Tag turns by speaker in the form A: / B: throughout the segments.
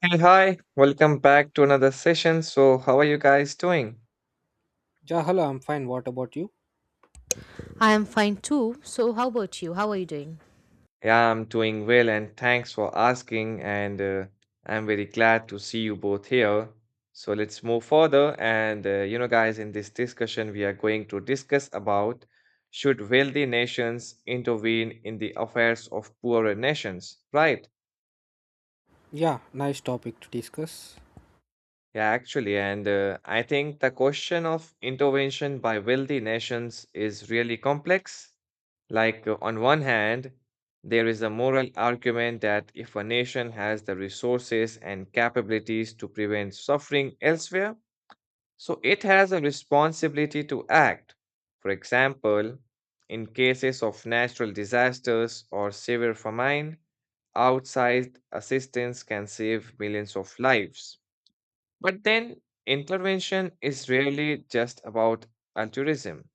A: Hey, hi, welcome back to another session. So, how are you guys doing?
B: Yeah, hello, I'm fine. What about you?
C: I am fine too. So, how about you? How are you doing?
A: Yeah, I'm doing well, and thanks for asking. And I'm very glad to see you both here. So, let's move further. Guys, in this discussion, we are going to discuss about should wealthy nations intervene in the affairs of poorer nations, right?
B: Yeah, nice topic to discuss.
A: Yeah, actually, and I think the question of intervention by wealthy nations is really complex. On one hand, there is a moral argument that if a nation has the resources and capabilities to prevent suffering elsewhere, so it has a responsibility to act. For example, in cases of natural disasters or severe famine, outsized assistance can save millions of lives. But then intervention is rarely just about altruism.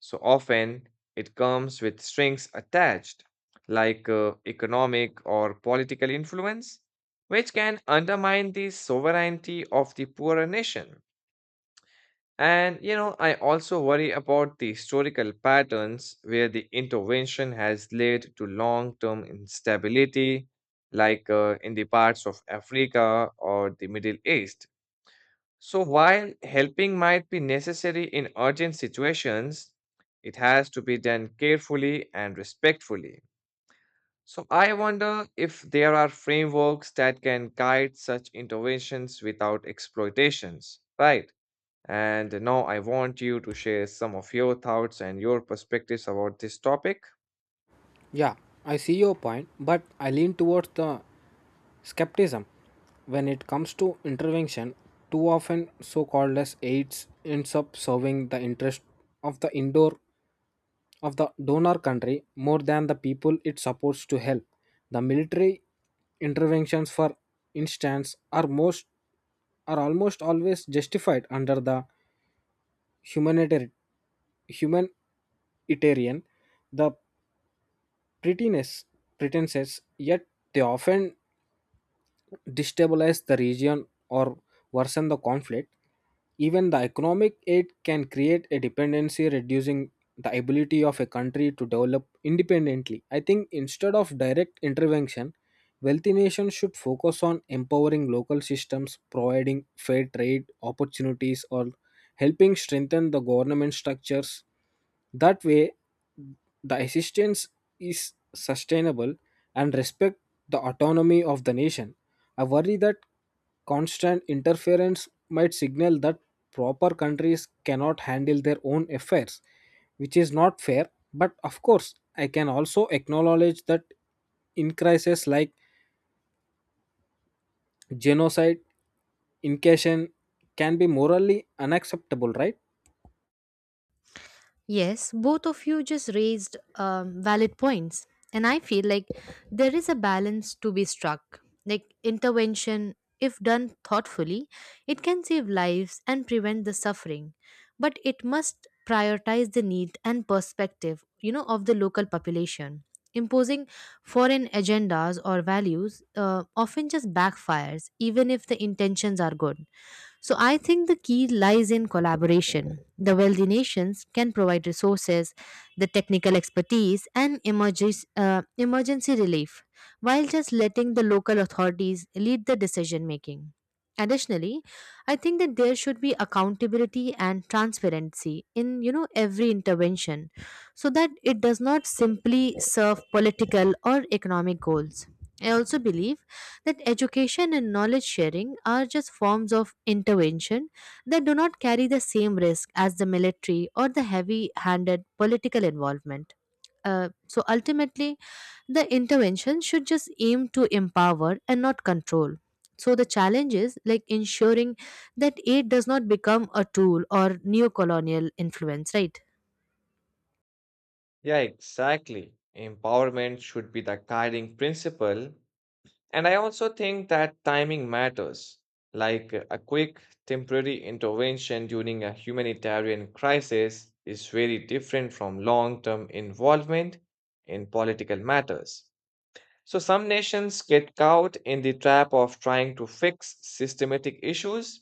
A: So often it comes with strings attached, economic or political influence, which can undermine the sovereignty of the poorer nation. I also worry about the historical patterns where the intervention has led to long term instability, in the parts of Africa or the Middle East, so, while helping might be necessary in urgent situations, it has to be done carefully and respectfully. So, I wonder if there are frameworks that can guide such interventions without exploitations, right? And now I want you to share some of your thoughts and your perspectives about this topic.
B: Yeah, I see your point, but I lean towards the skepticism when it comes to intervention. Too often, so called as aids ends up serving the interest of the indoor of the donor country more than the people it supports to help. The military interventions, for instance, are almost always justified under the humanitarian humanitarian, the prettiness pretenses, yet they often destabilize the region or worsen the conflict. Even the economic aid can create a dependency, reducing the ability of a country to develop independently. I think instead of direct intervention, wealthy nations should focus on empowering local systems, providing fair trade opportunities, or helping strengthen the government structures. That way, the assistance is sustainable and respect the autonomy of the nation. I worry that constant interference might signal that proper countries cannot handle their own affairs, which is not fair. But of course, I can also acknowledge that in crises like genocide, incursion can be morally unacceptable, right?
C: Yes, both of you just raised valid points. And I feel like there is a balance to be struck. Like intervention, if done thoughtfully, it can save lives and prevent the suffering. But it must prioritize the need and perspective, you know, of the local population. Imposing foreign agendas or values often just backfires, even if the intentions are good. So I think the key lies in collaboration. The wealthy nations can provide resources, the technical expertise, and emergency relief, while just letting the local authorities lead the decision making. Additionally, I think that there should be accountability and transparency in every intervention so that it does not simply serve political or economic goals. I also believe that education and knowledge sharing are just forms of intervention that do not carry the same risk as the military or the heavy handed political involvement. So ultimately, the intervention should just aim to empower and not control. So the challenge is like ensuring that aid does not become a tool or neo colonial influence, right?
A: Yeah, exactly. Empowerment should be the guiding principle. And I also think that timing matters, a quick temporary intervention during a humanitarian crisis is very different from long term involvement in political matters. So, some nations get caught in the trap of trying to fix systematic issues,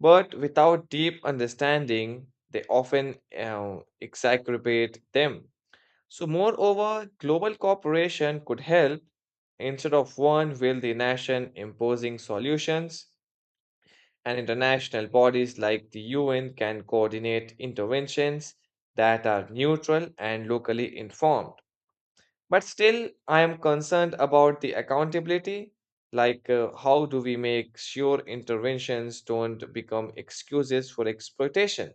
A: but without deep understanding, they often exacerbate them. So, moreover, global cooperation could help instead of one wealthy nation imposing solutions, and international bodies like the UN can coordinate interventions that are neutral and locally informed. But still, I am concerned about the accountability. How do we make sure interventions don't become excuses for exploitation?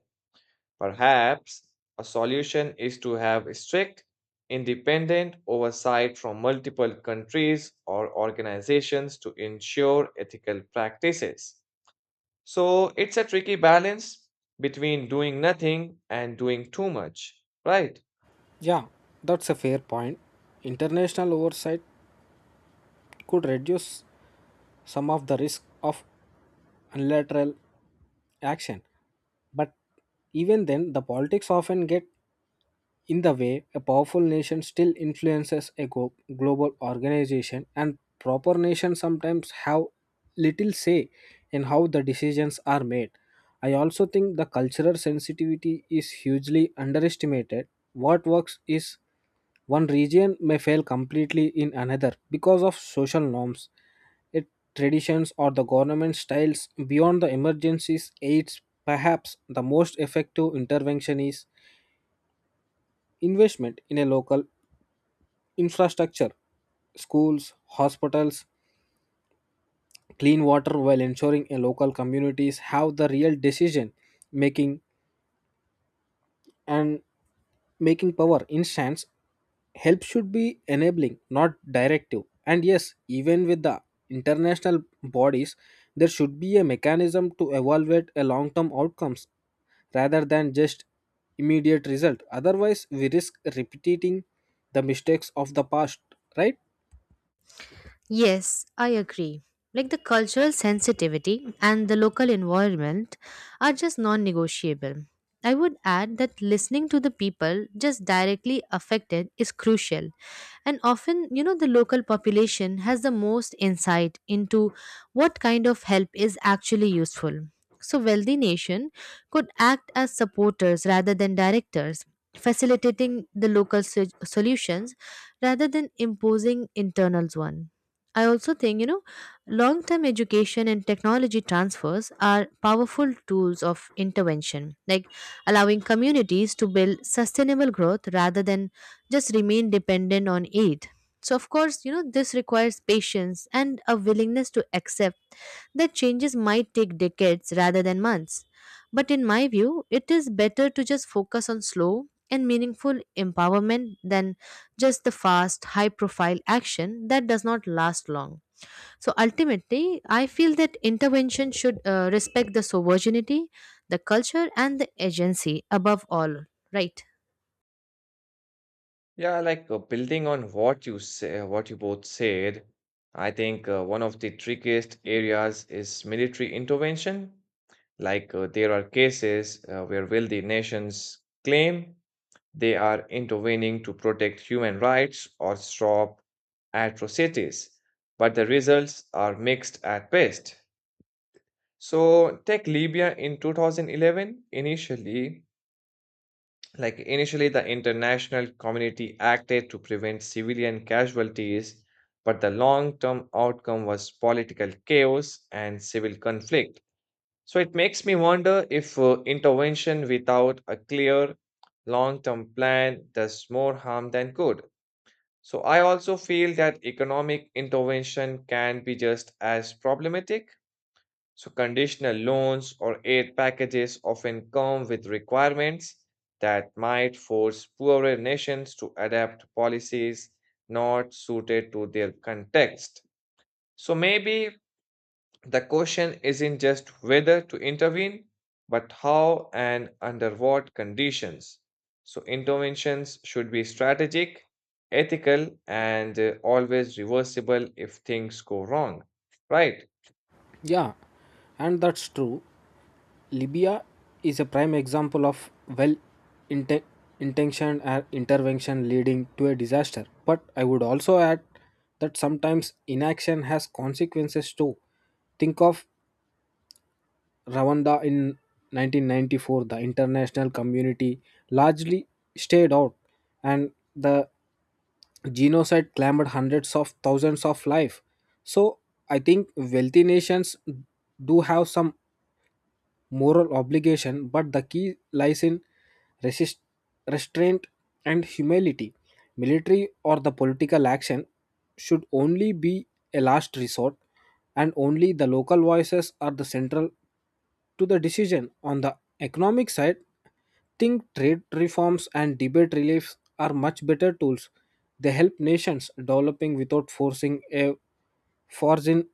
A: Perhaps a solution is to have strict, independent oversight from multiple countries or organizations to ensure ethical practices. So it's a tricky balance between doing nothing and doing too much, right?
B: Yeah, that's a fair point. International oversight could reduce some of the risk of unilateral action. But even then, the politics often get in the way. A powerful nation still influences a global organization, and proper nations sometimes have little say in how the decisions are made. I also think the cultural sensitivity is hugely underestimated. What works is one region may fail completely in another because of social norms, it traditions, or the government styles beyond the emergencies aids. Perhaps the most effective intervention is investment in a local infrastructure, schools, hospitals, clean water, while ensuring a local communities have the real decision making and making power instance help should be enabling, not directive. And yes, even with the international bodies, there should be a mechanism to evaluate a long term outcomes rather than just immediate result. Otherwise, we risk repeating the mistakes of the past, right?
C: Yes, I agree. Like the cultural sensitivity and the local environment are just non negotiable. I would add that listening to the people just directly affected is crucial. And often, you know, the local population has the most insight into what kind of help is actually useful. So, wealthy nation could act as supporters rather than directors, facilitating the local solutions rather than imposing internals one. I also think, you know, long term education and technology transfers are powerful tools of intervention, like allowing communities to build sustainable growth rather than just remain dependent on aid. So, of course, you know, this requires patience and a willingness to accept that changes might take decades rather than months. But in my view, it is better to just focus on slow and meaningful empowerment than just the fast, high profile action that does not last long. So ultimately, I feel that intervention should respect the sovereignty, the culture, and the agency above all, right?
A: Yeah, building on what you both said, I think one of the trickiest areas is military intervention. There are cases where wealthy nations claim they are intervening to protect human rights or stop atrocities, but the results are mixed at best. So take Libya in 2011. Initially, the international community acted to prevent civilian casualties, but the long-term outcome was political chaos and civil conflict. So it makes me wonder if intervention without a clear long-term plan does more harm than good. So I also feel that economic intervention can be just as problematic. So conditional loans or aid packages often come with requirements that might force poorer nations to adapt policies not suited to their context. So maybe the question isn't just whether to intervene, but how and under what conditions. So, interventions should be strategic, ethical, and always reversible if things go wrong. Right?
B: Yeah, and that's true. Libya is a prime example of well inten- intentioned intervention leading to a disaster. But I would also add that sometimes inaction has consequences too. Think of Rwanda in 1994. The international community largely stayed out, and the genocide claimed hundreds of thousands of lives. So I think wealthy nations do have some moral obligation, but the key lies in resist, restraint and humility. Military or the political action should only be a last resort, and only the local voices are the central to the decision. On the economic side, think trade reforms and debate reliefs are much better tools. They help nations developing without forcing a foreign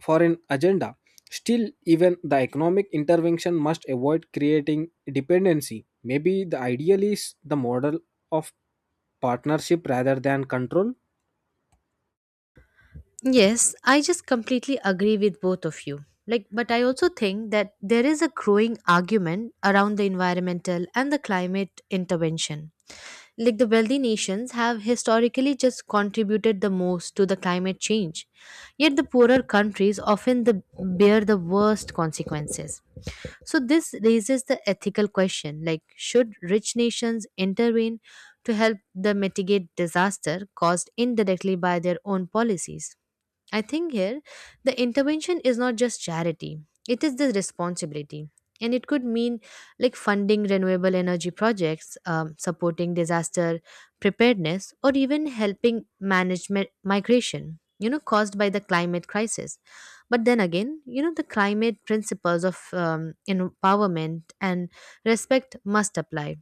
B: for an agenda. Still, even the economic intervention must avoid creating dependency. Maybe the ideal is the model of partnership rather than control.
C: Yes, I just completely agree with both of you. Like, but I also think that there is a growing argument around the environmental and the climate intervention, like the wealthy nations have historically just contributed the most to the climate change, yet the poorer countries often bear the worst consequences. So this raises the ethical question, like should rich nations intervene to help them mitigate disaster caused indirectly by their own policies? I think here the intervention is not just charity, it is the responsibility. And it could mean like funding renewable energy projects, supporting disaster preparedness, or even helping manage migration, you know, caused by the climate crisis. But then again, you know, the climate principles of empowerment and respect must apply.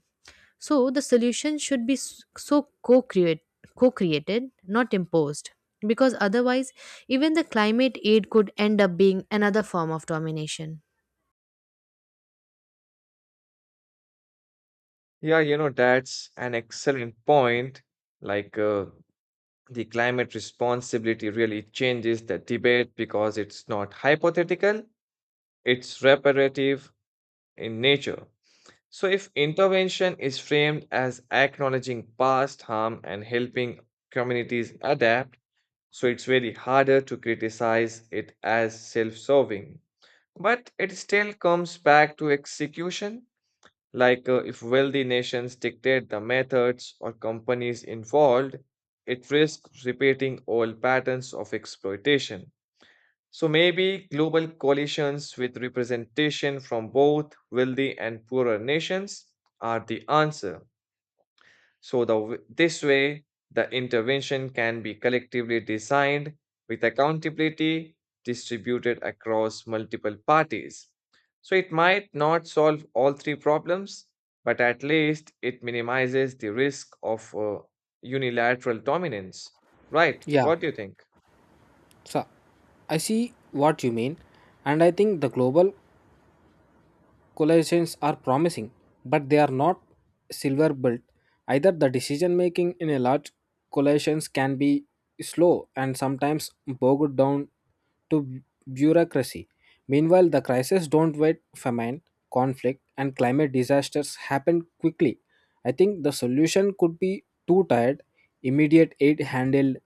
C: So the solution should be co-created, not imposed, because otherwise, even the climate aid could end up being another form of domination.
A: Yeah, you know, that's an excellent point. Like uh, the climate responsibility really changes the debate because it's not hypothetical, it's reparative in nature. So, if intervention is framed as acknowledging past harm and helping communities adapt, so it's very harder to criticize it as self serving. But it still comes back to execution, if wealthy nations dictate the methods or companies involved, it risks repeating old patterns of exploitation. So maybe global coalitions with representation from both wealthy and poorer nations are the answer. So this way, the intervention can be collectively designed with accountability distributed across multiple parties. So it might not solve all three problems, but at least it minimizes the risk of unilateral dominance. Right?
B: Yeah,
A: What do you think?
B: so I see what you mean, and I think the global collations are promising, but they are not silver built. Either the decision making in a large collations can be slow and sometimes bogged down to bureaucracy. Meanwhile, the crises don't wait. Famine, conflict, and climate disasters happen quickly. I think the solution could be two tired, immediate aid handled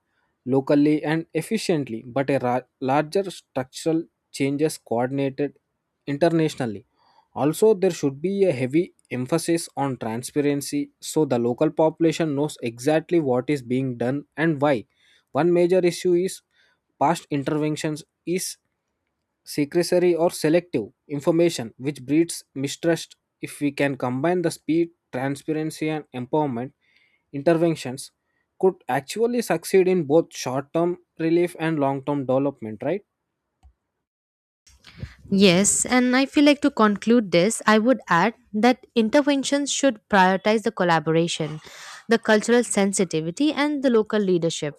B: locally and efficiently, but a larger structural changes coordinated internationally. Also, there should be a heavy emphasis on transparency so the local population knows exactly what is being done and why. One major issue is past interventions is secrecy or selective information, which breeds mistrust. If we can combine the speed, transparency, and empowerment, interventions could actually succeed in both short term relief and long term development, right?
C: Yes, and I feel like to conclude this, I would add that interventions should prioritize the collaboration, the cultural sensitivity, and the local leadership.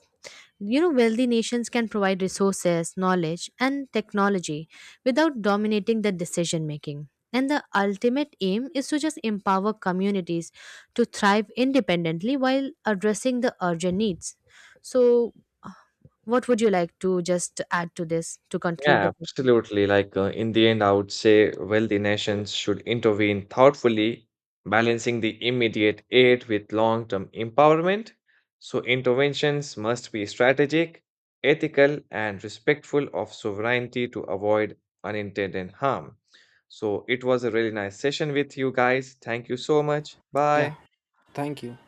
C: You know, wealthy nations can provide resources, knowledge, and technology without dominating the decision making. And the ultimate aim is to just empower communities to thrive independently while addressing the urgent needs. So, uh, what would you like to just add to this to conclude
A: Yeah,
C: the session?
A: absolutely. In the end, I would say wealthy nations should intervene thoughtfully, balancing the immediate aid with long-term empowerment. So interventions must be strategic, ethical, and respectful of sovereignty to avoid unintended harm. So it was a really nice session with you guys. Thank you so much.
B: Yeah,
A: Bye.
B: thank you.